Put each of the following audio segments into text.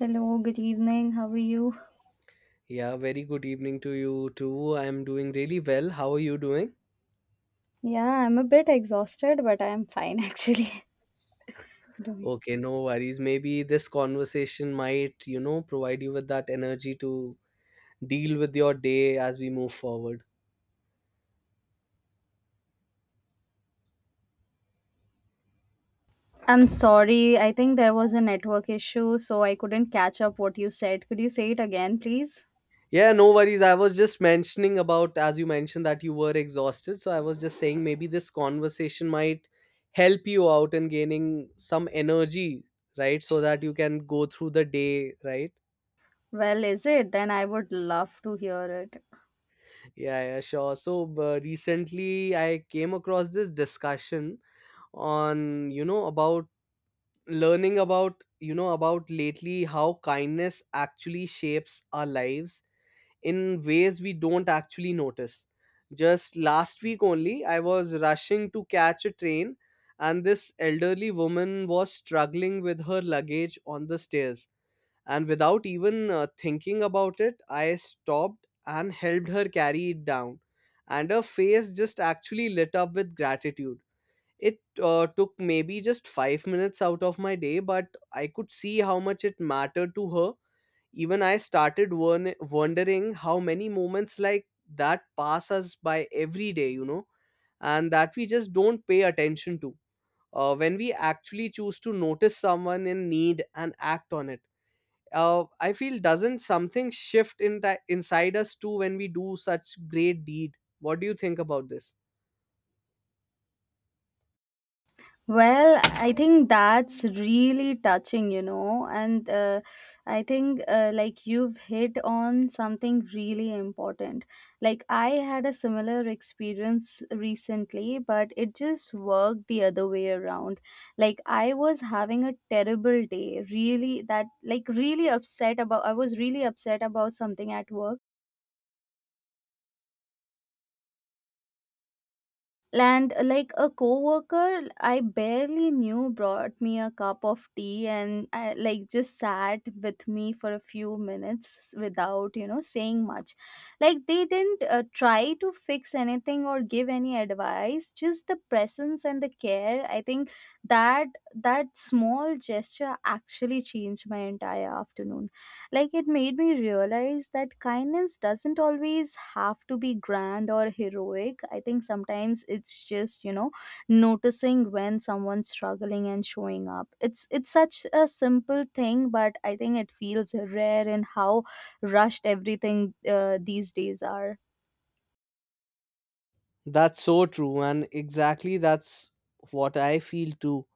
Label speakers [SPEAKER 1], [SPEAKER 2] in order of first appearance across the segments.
[SPEAKER 1] Hello, good evening. How are you?
[SPEAKER 2] Yeah, very good evening to you too. I'm doing really well. How are you doing?
[SPEAKER 1] Yeah, I'm a bit exhausted, but I'm fine actually. Doing.
[SPEAKER 2] Okay, no worries. Maybe this conversation might, you know, provide you with that energy to deal with your day as we move forward.
[SPEAKER 1] I'm sorry. I think there was a network issue, so I couldn't catch up what you said. Could you say it again, please?
[SPEAKER 2] Yeah, no worries. I was just mentioning about, as you mentioned, that you were exhausted. So I was just saying maybe this conversation might help you out in gaining some energy, right? So that you can go through the day, right?
[SPEAKER 1] Well, is it? Then I would love to hear it.
[SPEAKER 2] Yeah, yeah, sure. So recently I came across this discussion on about learning about about lately how kindness actually shapes our lives in ways we don't actually notice. Just last week only, I was rushing to catch a train, and this elderly woman was struggling with her luggage on the stairs, and without even thinking about it, I stopped and helped her carry it down, and her face just actually lit up with gratitude. It took maybe just 5 minutes out of my day, but I could see how much it mattered to her. Even I started wondering how many moments like that pass us by every day, you know, and that we just don't pay attention to. When we actually choose to notice someone in need and act on it, I feel, doesn't something shift in that inside us too when we do such great deed? What do you think about this?
[SPEAKER 1] Well, I think that's really touching, you know, and I think like you've hit on something really important. Like, I had a similar experience recently, but it just worked the other way around. Like, I was having a terrible day, really, that like really upset about, I was really upset about something at work, and like a coworker I barely knew brought me a cup of tea, and I just sat with me for a few minutes without, you know, saying much. Like they didn't try to fix anything or give any advice, just the presence and the care. I think that that small gesture actually changed my entire afternoon. Like it made me realize that kindness doesn't always have to be grand or heroic. I think sometimes it's just, you know, noticing when someone's struggling and showing up. It's such a simple thing, but I think it feels rare in how rushed everything these days are.
[SPEAKER 2] That's so true, and exactly that's what I feel too.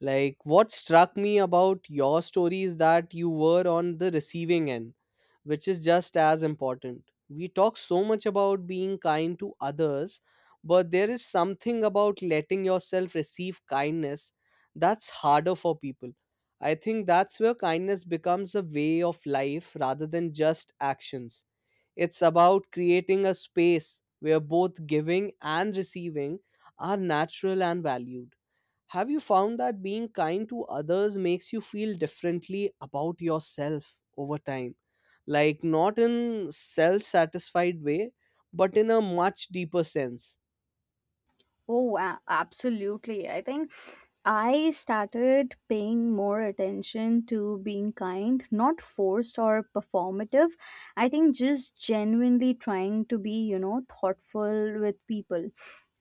[SPEAKER 2] Like, what struck me about your story is that you were on the receiving end, which is just as important. We talk so much about being kind to others, but there is something about letting yourself receive kindness that's harder for people. I think that's where kindness becomes a way of life rather than just actions. It's about creating a space where both giving and receiving are natural and valued. Have you found that being kind to others makes you feel differently about yourself over time? Like, not in self satisfied way, but in a much deeper sense.
[SPEAKER 1] Oh, absolutely. I think I started paying more attention to being kind, not forced or performative. I think just genuinely trying to be, you know, thoughtful with people.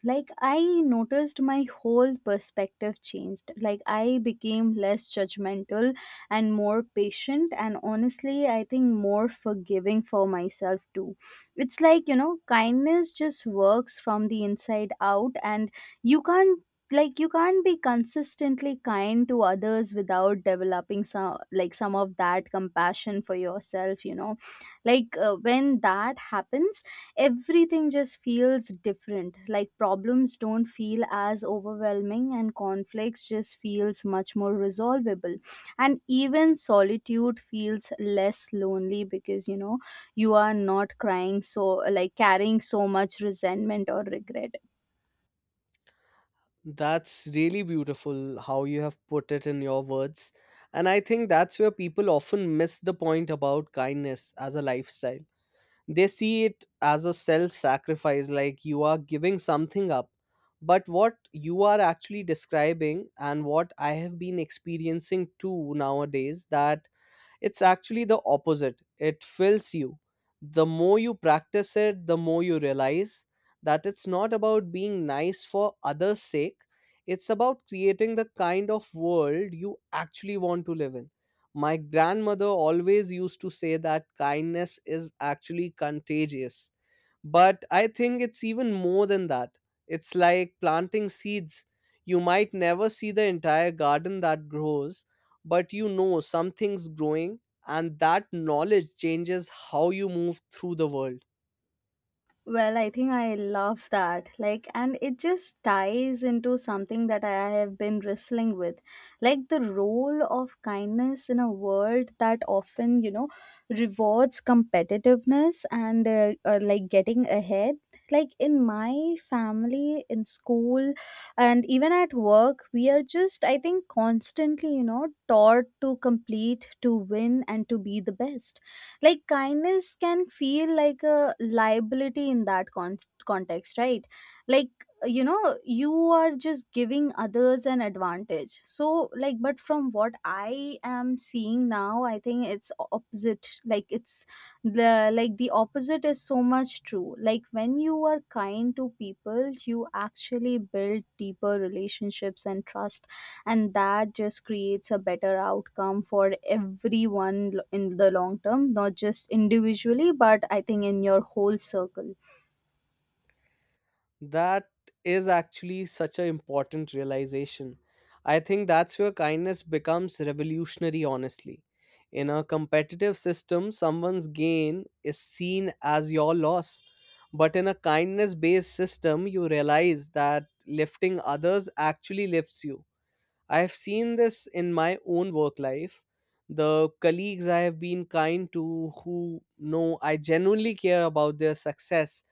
[SPEAKER 1] Like, I noticed my whole perspective changed. Like, I became less judgmental and more patient, and honestly, I think more forgiving for myself too. It's like, you know, kindness just works from the inside out, and you can't you can't be consistently kind to others without developing some of that compassion for yourself, you know. Like when that happens, everything just feels different. Like problems don't feel as overwhelming, and conflicts just feels much more resolvable, and even solitude feels less lonely, because, you know, you are not crying, so carrying so much resentment or regret.
[SPEAKER 2] That's really beautiful how you have put it in your words. And I think that's where people often miss the point about kindness as a lifestyle. They see it as a self sacrifice, like you are giving something up. But what you are actually describing, and what I have been experiencing too nowadays, that it's actually the opposite. It fills you. The more you practice it, the more you realize that it's not about being nice for others' sake. It's about creating the kind of world you actually want to live in. My grandmother always used to say that kindness is actually contagious. But I think it's even more than that. It's like planting seeds. You might never see the entire garden that grows, but you know something's growing, and that knowledge changes how you move through the world.
[SPEAKER 1] Well, I think I love that. Like, and it just ties into something that I have been wrestling with. Like, the role of kindness in a world that often, you know, rewards competitiveness and like getting ahead. Like, in my family, in school, and even at work, we are just, I think, constantly, you know, taught to complete, to win, and to be the best. Like kindness can feel like a liability in that context, right? Like, you know, you are just giving others an advantage. So but from what I am seeing now, I think it's opposite. Like it's the opposite is so much true. Like when you are kind to people, you actually build deeper relationships and trust, and that just creates a better outcome for everyone, in the long term, not just individually, but I think in your whole circle.
[SPEAKER 2] That is actually such an important realization. I think that's where kindness becomes revolutionary, honestly. In a competitive system, someone's gain is seen as your loss, but in a kindness based system, you realize that lifting others actually lifts you. I've seen this in my own work life. The colleagues I have been kind to, who know I genuinely care about their success,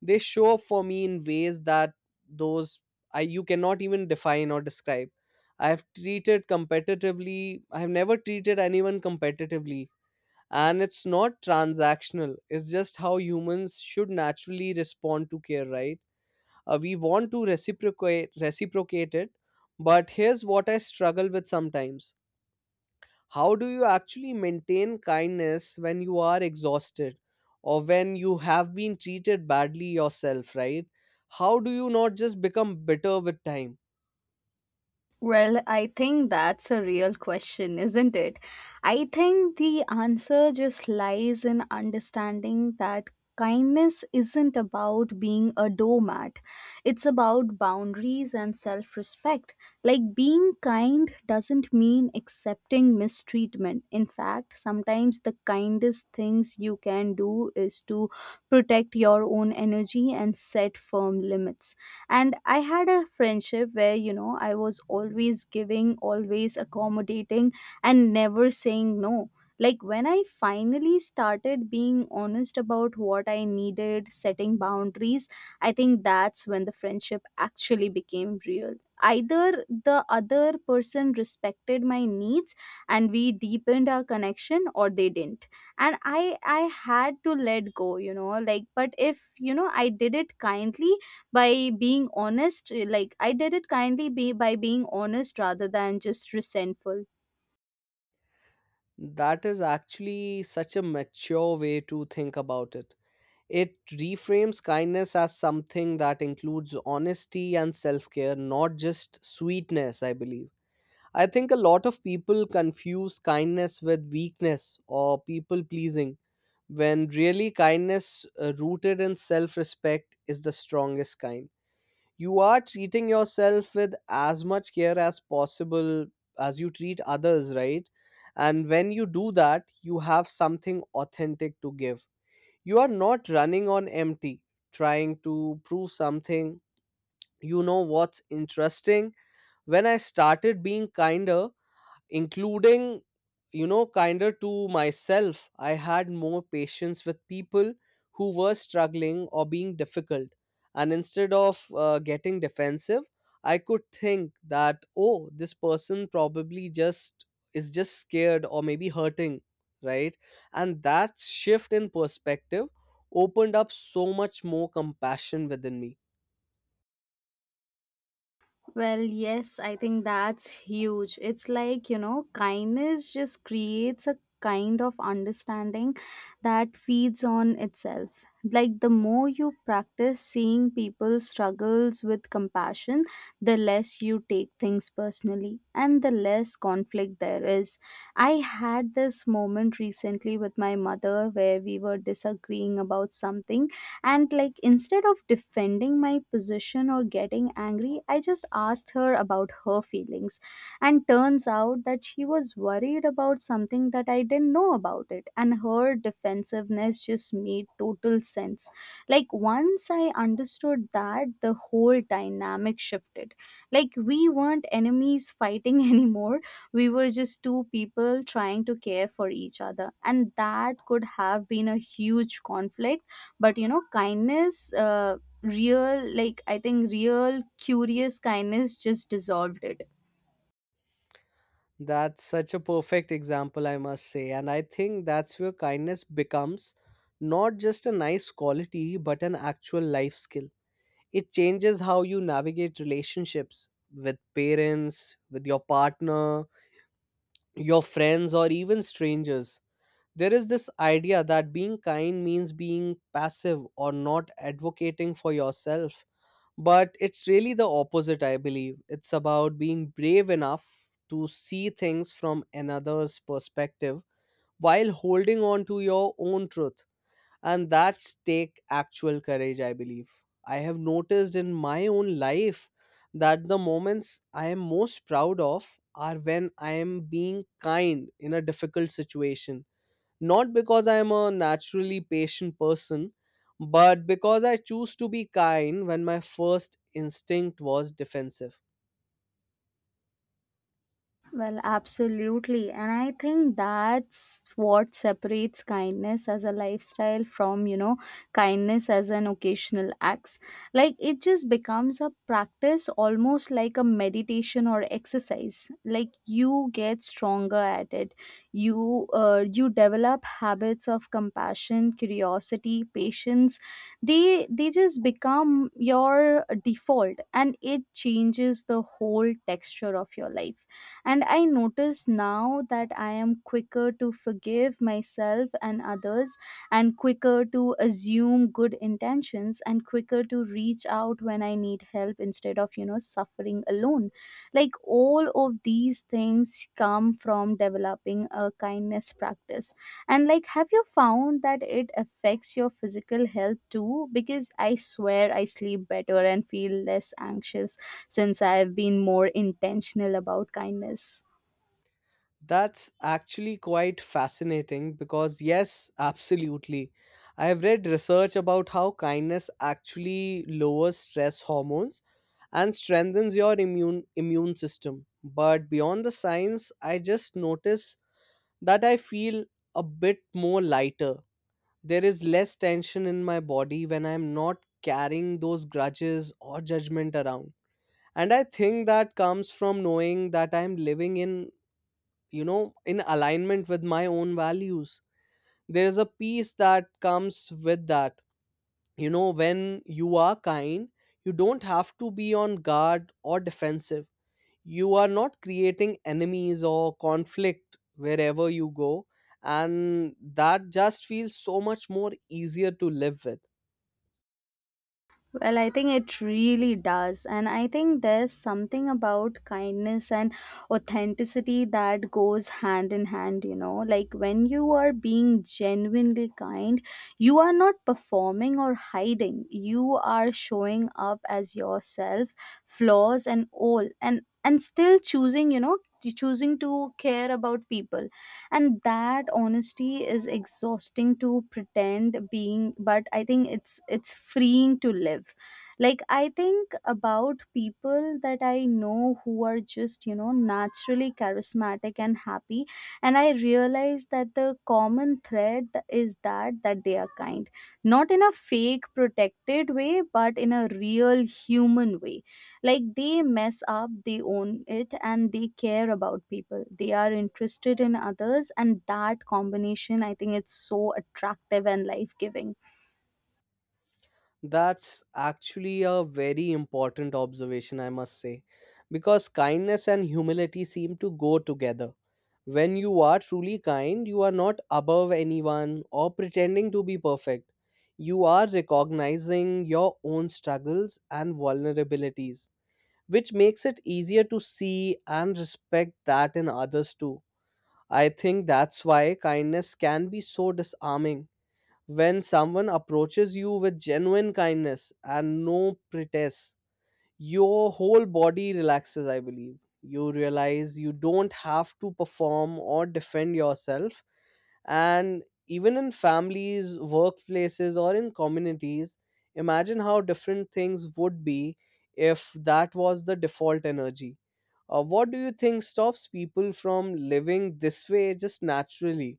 [SPEAKER 2] they show up for me in ways that those I you cannot even define or describe. I have treated competitively, I have never treated anyone competitively. And it's not transactional, it's just how humans should naturally respond to care, right? We want to reciprocate it. But here's what I struggle with sometimes. How do you actually maintain kindness when you are exhausted, or when you have been treated badly yourself, right? How do you not just become bitter with time?
[SPEAKER 1] Well, I think that's a real question, isn't it? I think the answer just lies in understanding that kindness isn't about being a doormat, it's about boundaries and self respect. Like, being kind doesn't mean accepting mistreatment. In fact, sometimes the kindest things you can do is to protect your own energy and set firm limits. And I had a friendship where, you know, I was always giving, always accommodating, and never saying no. Like when I finally started being honest about what I needed, setting boundaries, I think that's when the friendship actually became real. Either the other person respected my needs and we deepened our connection, or they didn't, and I had to let go, you know. Like but, if you know, I did it kindly by being honest, eh, like I did it kindly be by being honest rather than just resentful.
[SPEAKER 2] That is actually such a mature way to think about it. It reframes kindness as something that includes honesty and self-care, not just sweetness, I believe. I think a lot of people confuse kindness with weakness or people pleasing, when really kindness, rooted in self respect, is the strongest kind. You are treating yourself with as much care as possible as you treat others, right? And when you do that, you have something authentic to give. You are not running on empty, trying to prove something. You know what's interesting? When I started being kinder, including, you know, kinder to myself, I had more patience with people who were struggling or being difficult. And instead of getting defensive, I could think that, oh, this person probably just is just scared or maybe hurting, right? And that shift in perspective opened up so much more compassion within me.
[SPEAKER 1] Well, yes, I think that's huge. It's like, you know, kindness just creates a kind of understanding that feeds on itself. Like, the more you practice seeing people struggles with compassion, the less you take things personally and the less conflict there is. I had this moment recently with my mother where we were disagreeing about something, and like instead of defending my position or getting angry, I just asked her about her feelings. And turns out that she was worried about something that I didn't know about it, and her defensiveness just made total sense. Like once I understood that, the whole dynamic shifted. Like we weren't enemies fighting anymore, we were just two people trying to care for each other. And that could have been a huge conflict, but, you know, kindness, real, like I think real curious kindness just dissolved it.
[SPEAKER 2] That's such a perfect example, I must say. And I think that's where kindness becomes not just a nice quality, but an actual life skill. It changes how you navigate relationships with parents, with your partner, your friends, or even strangers. There is this idea that being kind means being passive or not advocating for yourself, but it's really the opposite, I believe. It's about being brave enough to see things from another's perspective while holding on to your own truth, and that's take actual courage, I believe. I have noticed in my own life that the moments I am most proud of are when I am being kind in a difficult situation, not because I am a naturally patient person, but because I choose to be kind when my first instinct was defensive.
[SPEAKER 1] Well, absolutely. And I think that's what separates kindness as a lifestyle from, you know, kindness as an occasional acts. Like it just becomes a practice, almost like a meditation or exercise. Like you get stronger at it. You you develop habits of compassion, curiosity, patience. They just become your default, and it changes the whole texture of your life. And I notice now that I am quicker to forgive myself and others, and quicker to assume good intentions, and quicker to reach out when I need help instead of, you know, suffering alone. Like all of these things come from developing a kindness practice. And like, have you found that it affects your physical health too? Because I swear I sleep better and feel less anxious since I've been more intentional about kindness.
[SPEAKER 2] That's actually quite fascinating because, yes, absolutely. I have read research about how kindness actually lowers stress hormones and strengthens your immune system. But beyond the science, I just notice that I feel a bit more lighter. There is less tension in my body when I'm not carrying those grudges or judgment around. And I think that comes from knowing that I'm living in, you know, in alignment with my own values. There is a peace that comes with that. You know, when you are kind, you don't have to be on guard or defensive. You are not creating enemies or conflict wherever you go. And that just feels so much more easier to live with.
[SPEAKER 1] Well, I think it really does. And I think there's something about kindness and authenticity that goes hand in hand, you know. Like when you are being genuinely kind, you are not performing or hiding, you are showing up as yourself, flaws and all. And still choosing, you know, choosing to care about people. And that honesty is exhausting to pretend being, but I think it's freeing to live. Like I think about people that I know who are just, you know, naturally charismatic and happy, and I realize that the common thread is that they are kind, not in a fake protected way, but in a real human way. Like they mess up, they own it, and they care about people, they are interested in others. And that combination, I think it's so attractive and life giving.
[SPEAKER 2] That's actually a very important observation, I must say, because kindness and humility seem to go together. When you are truly kind, you are not above anyone or pretending to be perfect. You are recognizing your own struggles and vulnerabilities, which makes it easier to see and respect that in others too. I think that's why kindness can be so disarming. When someone approaches you with genuine kindness and no pretense, your whole body relaxes, I believe. You realize you don't have to perform or defend yourself. And even in families, workplaces, or in communities, imagine how different things would be if that was the default energy. What do you think stops people from living this way just naturally?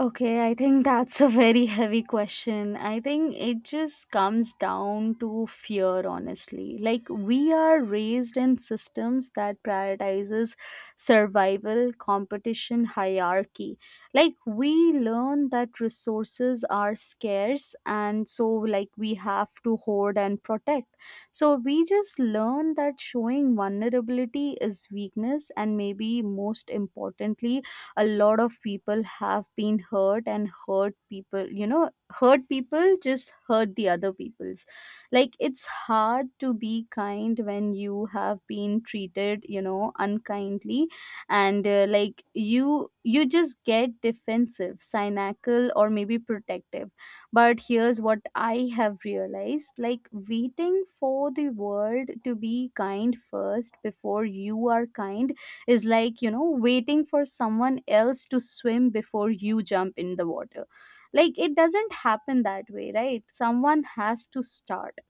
[SPEAKER 1] Okay, I think that's a very heavy question. I think it just comes down to fear, honestly. Like we are raised in systems that prioritizes survival, competition, hierarchy. Like we learn that resources are scarce, and so like we have to hoard and protect. So we just learn that showing vulnerability is weakness. And maybe most importantly, a lot of people have been hurt, and hurt people, you know, hurt people just hurt the other people's. Like it's hard to be kind when you have been treated, you know, unkindly. And like you just get defensive, cynical, or maybe protective. But here's what I have realized, like waiting for the world to be kind first before you are kind is like, you know, waiting for someone else to swim before you jump in the water. Like it doesn't happen that way, right? Someone has to start.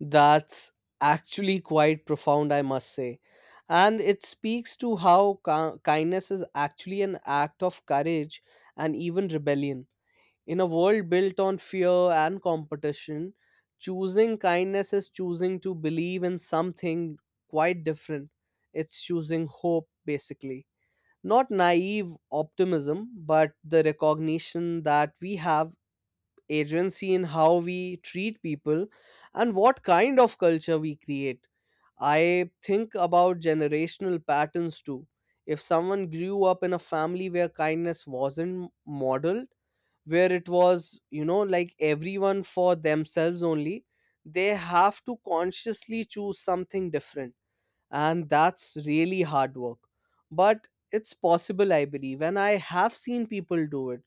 [SPEAKER 2] That's actually quite profound, I must say. And it speaks to how kindness is actually an act of courage and even rebellion. In a world built on fear and competition, choosing kindness is choosing to believe in something quite different. It's choosing hope, basically. Not naive optimism, but the recognition that we have agency in how we treat people and what kind of culture we create. I think about generational patterns too. If someone grew up in a family where kindness wasn't modeled, where it was, you know, like everyone for themselves only, they have to consciously choose something different. And that's really hard work. But it's possible, I believe. And I have seen people do it.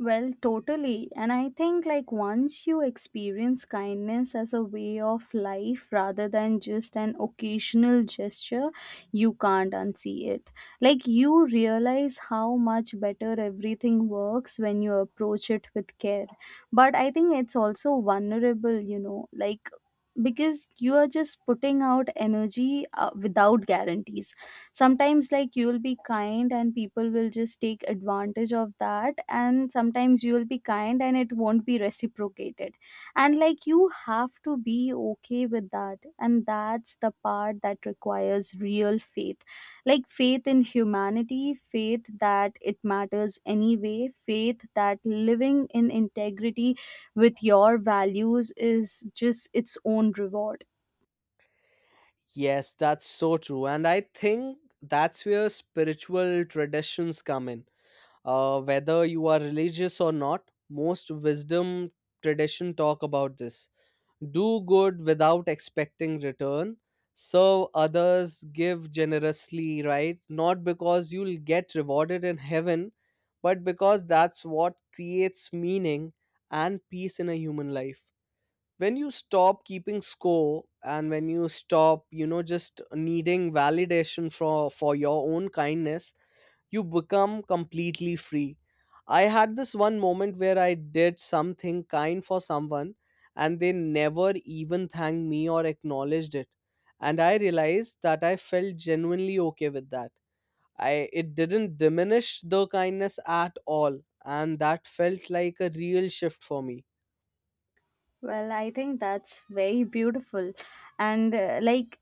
[SPEAKER 1] Well, totally. And I think, like, once you experience kindness as a way of life rather than just an occasional gesture, you can't unsee it. Like, you realize how much better everything works when you approach it with care. But I think it's also vulnerable, you know, like, because you are just putting out energy without guarantees. Sometimes like you'll be kind and people will just take advantage of that, and sometimes you'll be kind and it won't be reciprocated. And like you have to be okay with that, and that's the part that requires real faith. Like faith in humanity, faith that it matters anyway, faith that living in integrity with your values is just its own reward.
[SPEAKER 2] Yes, that's so true. And I think that's where spiritual traditions come in. Whether you are religious or not, most wisdom tradition talk about this. Do good without expecting return. Serve others, give generously, right? Not because you'll get rewarded in heaven, but because that's what creates meaning and peace in a human life. When you stop keeping score, and when you stop, you know, just needing validation for your own kindness, you become completely free. I had this one moment where I did something kind for someone, and they never even thanked me or acknowledged it, and I realized that I felt genuinely okay with that. I It didn't diminish the kindness at all, and that felt like a real shift for me.
[SPEAKER 1] Well, I think that's very beautiful. And like,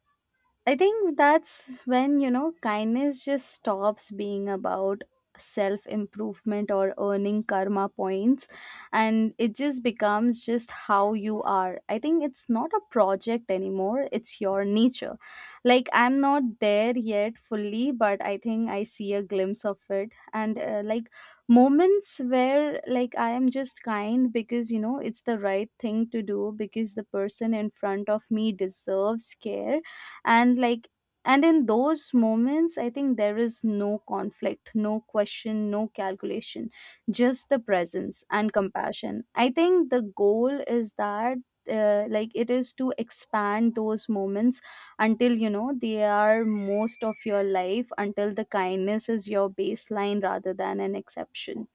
[SPEAKER 1] I think that's when, you know, kindness just stops being about self improvement or earning karma points, and it just becomes just how you are. I think it's not a project anymore, it's your nature. Like, I'm not there yet fully, but I think I see a glimpse of it. And moments where, like, I am just kind because, it's the right thing to do because the person in front of me deserves care. And and in those moments, I think there is no conflict, no question, no calculation, just the presence and compassion. I think the goal is that, it is to expand those moments until, they are most of your life, until the kindness is your baseline rather than an exception.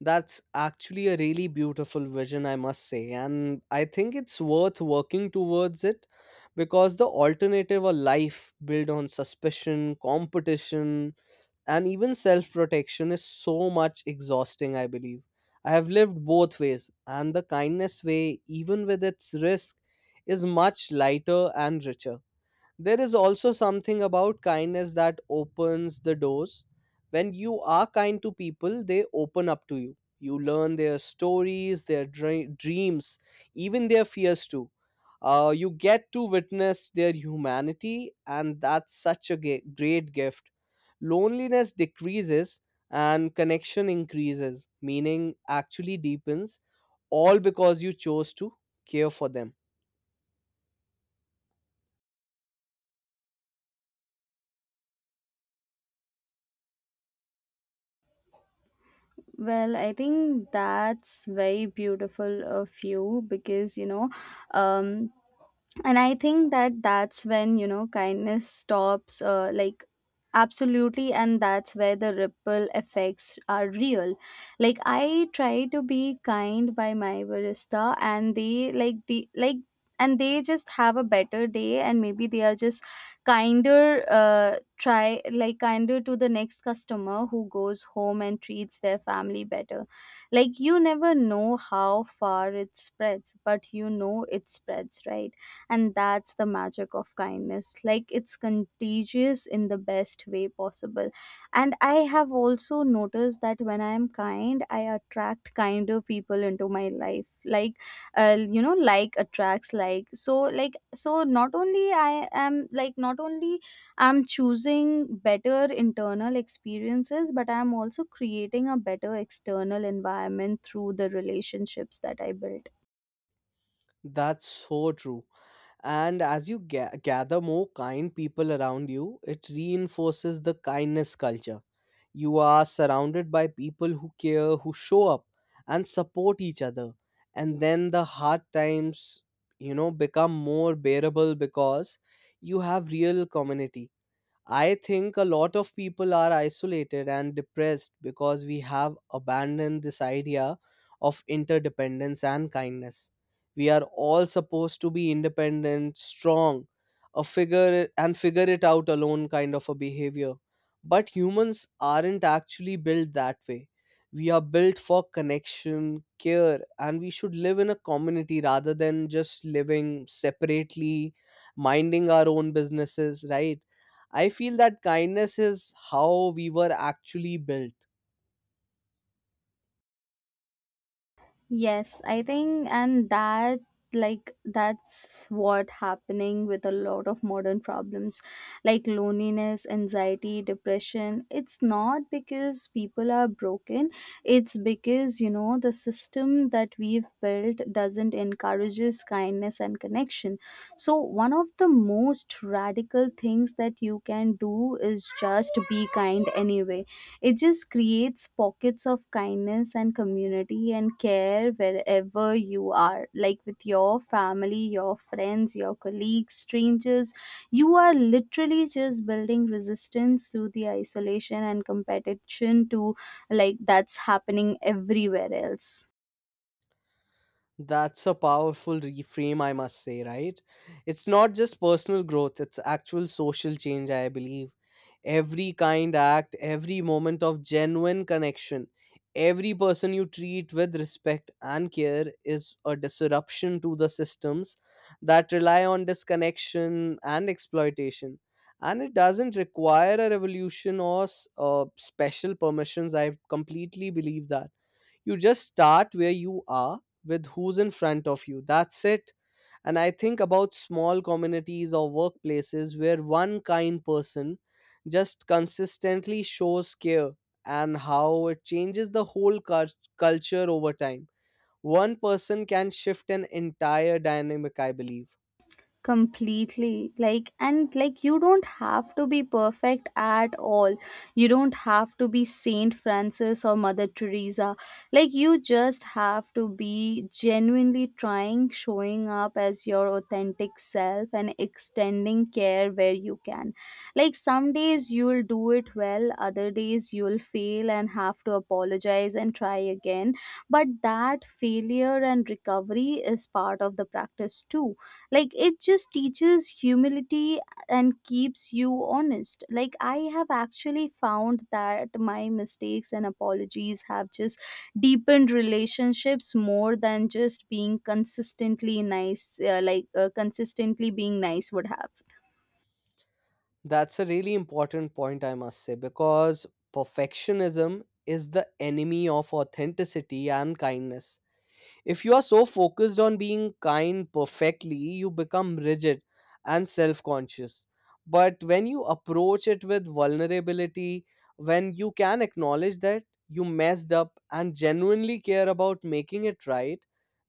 [SPEAKER 2] That's actually a really beautiful vision, I must say. And I think it's worth working towards it, because the alternative, a life built on suspicion, competition, and even self protection, is so much exhausting, I believe. I have lived both ways, and the kindness way, even with its risk, is much lighter and richer. There is also something about kindness that opens the doors. When you are kind to people, they open up to you. You learn their stories, their dreams, even their fears too. You get to witness their humanity, and that's such a great gift. Loneliness decreases and connection increases, meaning actually deepens, all because you chose to care for them.
[SPEAKER 1] Well, I think that's very beautiful of you because, um and I think that that's when, kindness stops, absolutely, and that's where the ripple effects are real. Like, I try to be kind by my barista and they like the like and they just have a better day, and maybe they are just kinder, try like kinder to the next customer, who goes home and treats their family better. Like, you never know how far it spreads, but you know it spreads, right? And that's the magic of kindness. Like, it's contagious in the best way possible. And I have also noticed that when I am kind, I attract kinder people into my life. Like, like attracts like. So, like so not only I am like not only I'm choosing better internal experiences, but I'm also creating a better external environment through the relationships that I build.
[SPEAKER 2] That's so true. And as you gather more kind people around you, it reinforces the kindness culture. You are surrounded by people who care, who show up and support each other. And then the hard times, you know, become more bearable because you have real community. I think a lot of people are isolated and depressed because we have abandoned this idea of interdependence and kindness. We are all supposed to be independent, strong, a figure and figure it out alone kind of a behavior. But humans aren't actually built that way. We are built for connection, care, and we should live in a community rather than just living separately, minding our own businesses, right? I feel that kindness is how we were actually built.
[SPEAKER 1] Yes, I think, and that like that's what happening with a lot of modern problems, like loneliness, anxiety, depression. It's not because people are broken, it's because, the system that we've built doesn't encourages kindness and connection. So one of the most radical things that you can do is just be kind anyway. It just creates pockets of kindness and community and care wherever you are, like with your family, your friends, your colleagues, strangers. You are literally just building resistance to the isolation and competition to like that's happening everywhere else.
[SPEAKER 2] That's a powerful reframe, I must say, right? It's not just personal growth, it's actual social change, I believe. Every kind act, every moment of genuine connection, every person you treat with respect and care is a disruption to the systems that rely on disconnection and exploitation. And it doesn't require a revolution or special permissions. I completely believe that you just start where you are with who's in front of you. That's it. And I think about small communities or workplaces where one kind person just consistently shows care and how it changes the whole culture over time. One person can shift an entire dynamic, I believe.
[SPEAKER 1] Completely. Like, you don't have to be perfect at all. You don't have to be Saint Francis or Mother Teresa. Like, you just have to be genuinely trying, showing up as your authentic self and extending care where you can. Like, some days you'll do it well, other days you'll fail and have to apologize and try again. But that failure and recovery is part of the practice too. Like, it just teaches humility and keeps you honest. Like, I have actually found that my mistakes and apologies have just deepened relationships more than just being consistently nice, consistently being nice would have.
[SPEAKER 2] That's a really important point, I must say, because perfectionism is the enemy of authenticity and kindness. If you are so focused on being kind perfectly, you become rigid and self conscious. But when you approach it with vulnerability, when you can acknowledge that you messed up and genuinely care about making it right,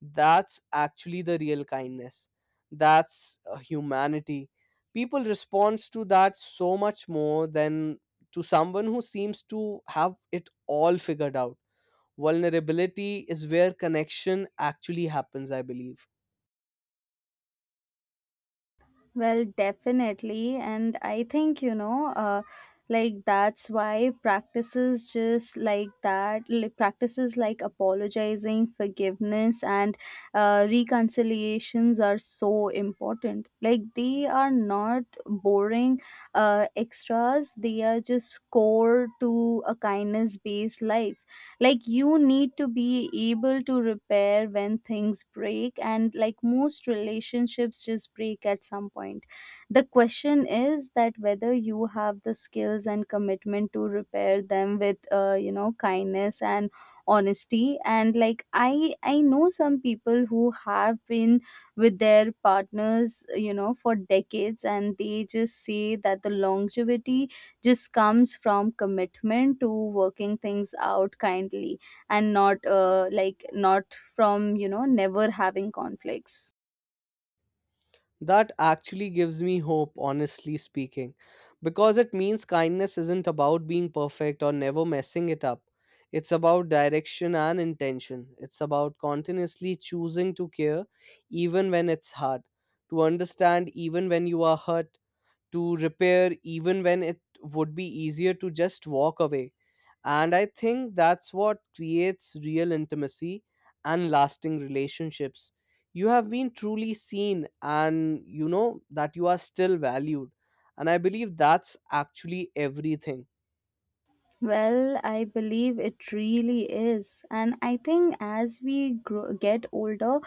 [SPEAKER 2] that's actually the real kindness. That's humanity. People respond to that so much more than to someone who seems to have it all figured out. Vulnerability is where connection actually happens, I believe.
[SPEAKER 1] Well, definitely. And I think, you know, that's why practices just like that, like practices like apologizing, forgiveness, and reconciliations are so important. Like, they are not boring extras, they are just core to a kindness based life. Like, you need to be able to repair when things break, and like most relationships just break at some point. The question is that whether you have the skills and commitment to repair them with, kindness and honesty. And like, I know some people who have been with their partners, you know, for decades, and they just say that the longevity just comes from commitment to working things out kindly, and not, not from, you know, never having conflicts.
[SPEAKER 2] That actually gives me hope, honestly speaking, because it means kindness isn't about being perfect or never messing it up. It's about direction and intention. It's about continuously choosing to care even when it's hard, to understand even when you are hurt, to repair even when it would be easier to just walk away. And I think that's what creates real intimacy and lasting relationships. You have been truly seen and you know that you are still valued. And I believe that's actually everything.
[SPEAKER 1] Well, I believe it really is. And I think as we grow, get older,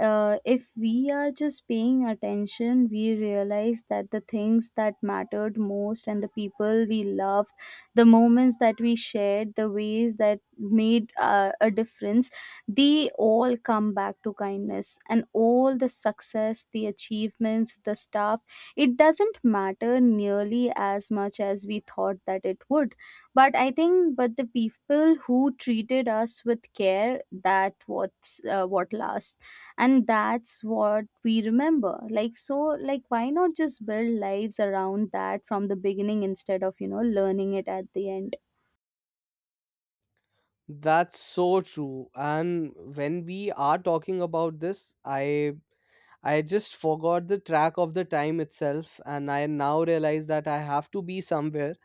[SPEAKER 1] if we are just paying attention, we realize that the things that mattered most and the people we loved, the moments that we shared, the ways that made a difference, they all come back to kindness. And all the success, the achievements, the stuff, it doesn't matter nearly as much as we thought that it would. But I think, but the people who treated us with care, that what lasts, and that's what we remember. Like, so, like, why not just build lives around that from the beginning instead of, you know, learning it at the end?
[SPEAKER 2] That's so true. And when we are talking about this, I just forgot the track of the time itself, and I now realize that I have to be somewhere.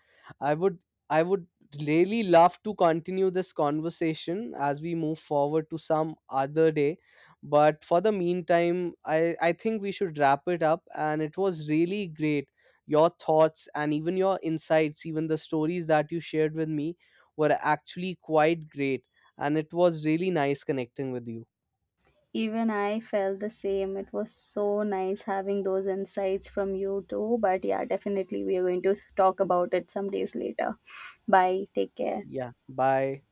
[SPEAKER 2] I would I would really love to continue this conversation as we move forward to some other day. But for the meantime, I think we should wrap it up and it was really great. Your thoughts and even your insights, even the stories that you shared with me were actually quite great. And it was really nice connecting with you.
[SPEAKER 1] Even I felt the same. It was so nice having those insights from you too. But yeah, definitely we are going to talk about it some days later. Bye, take care.
[SPEAKER 2] Yeah. Bye.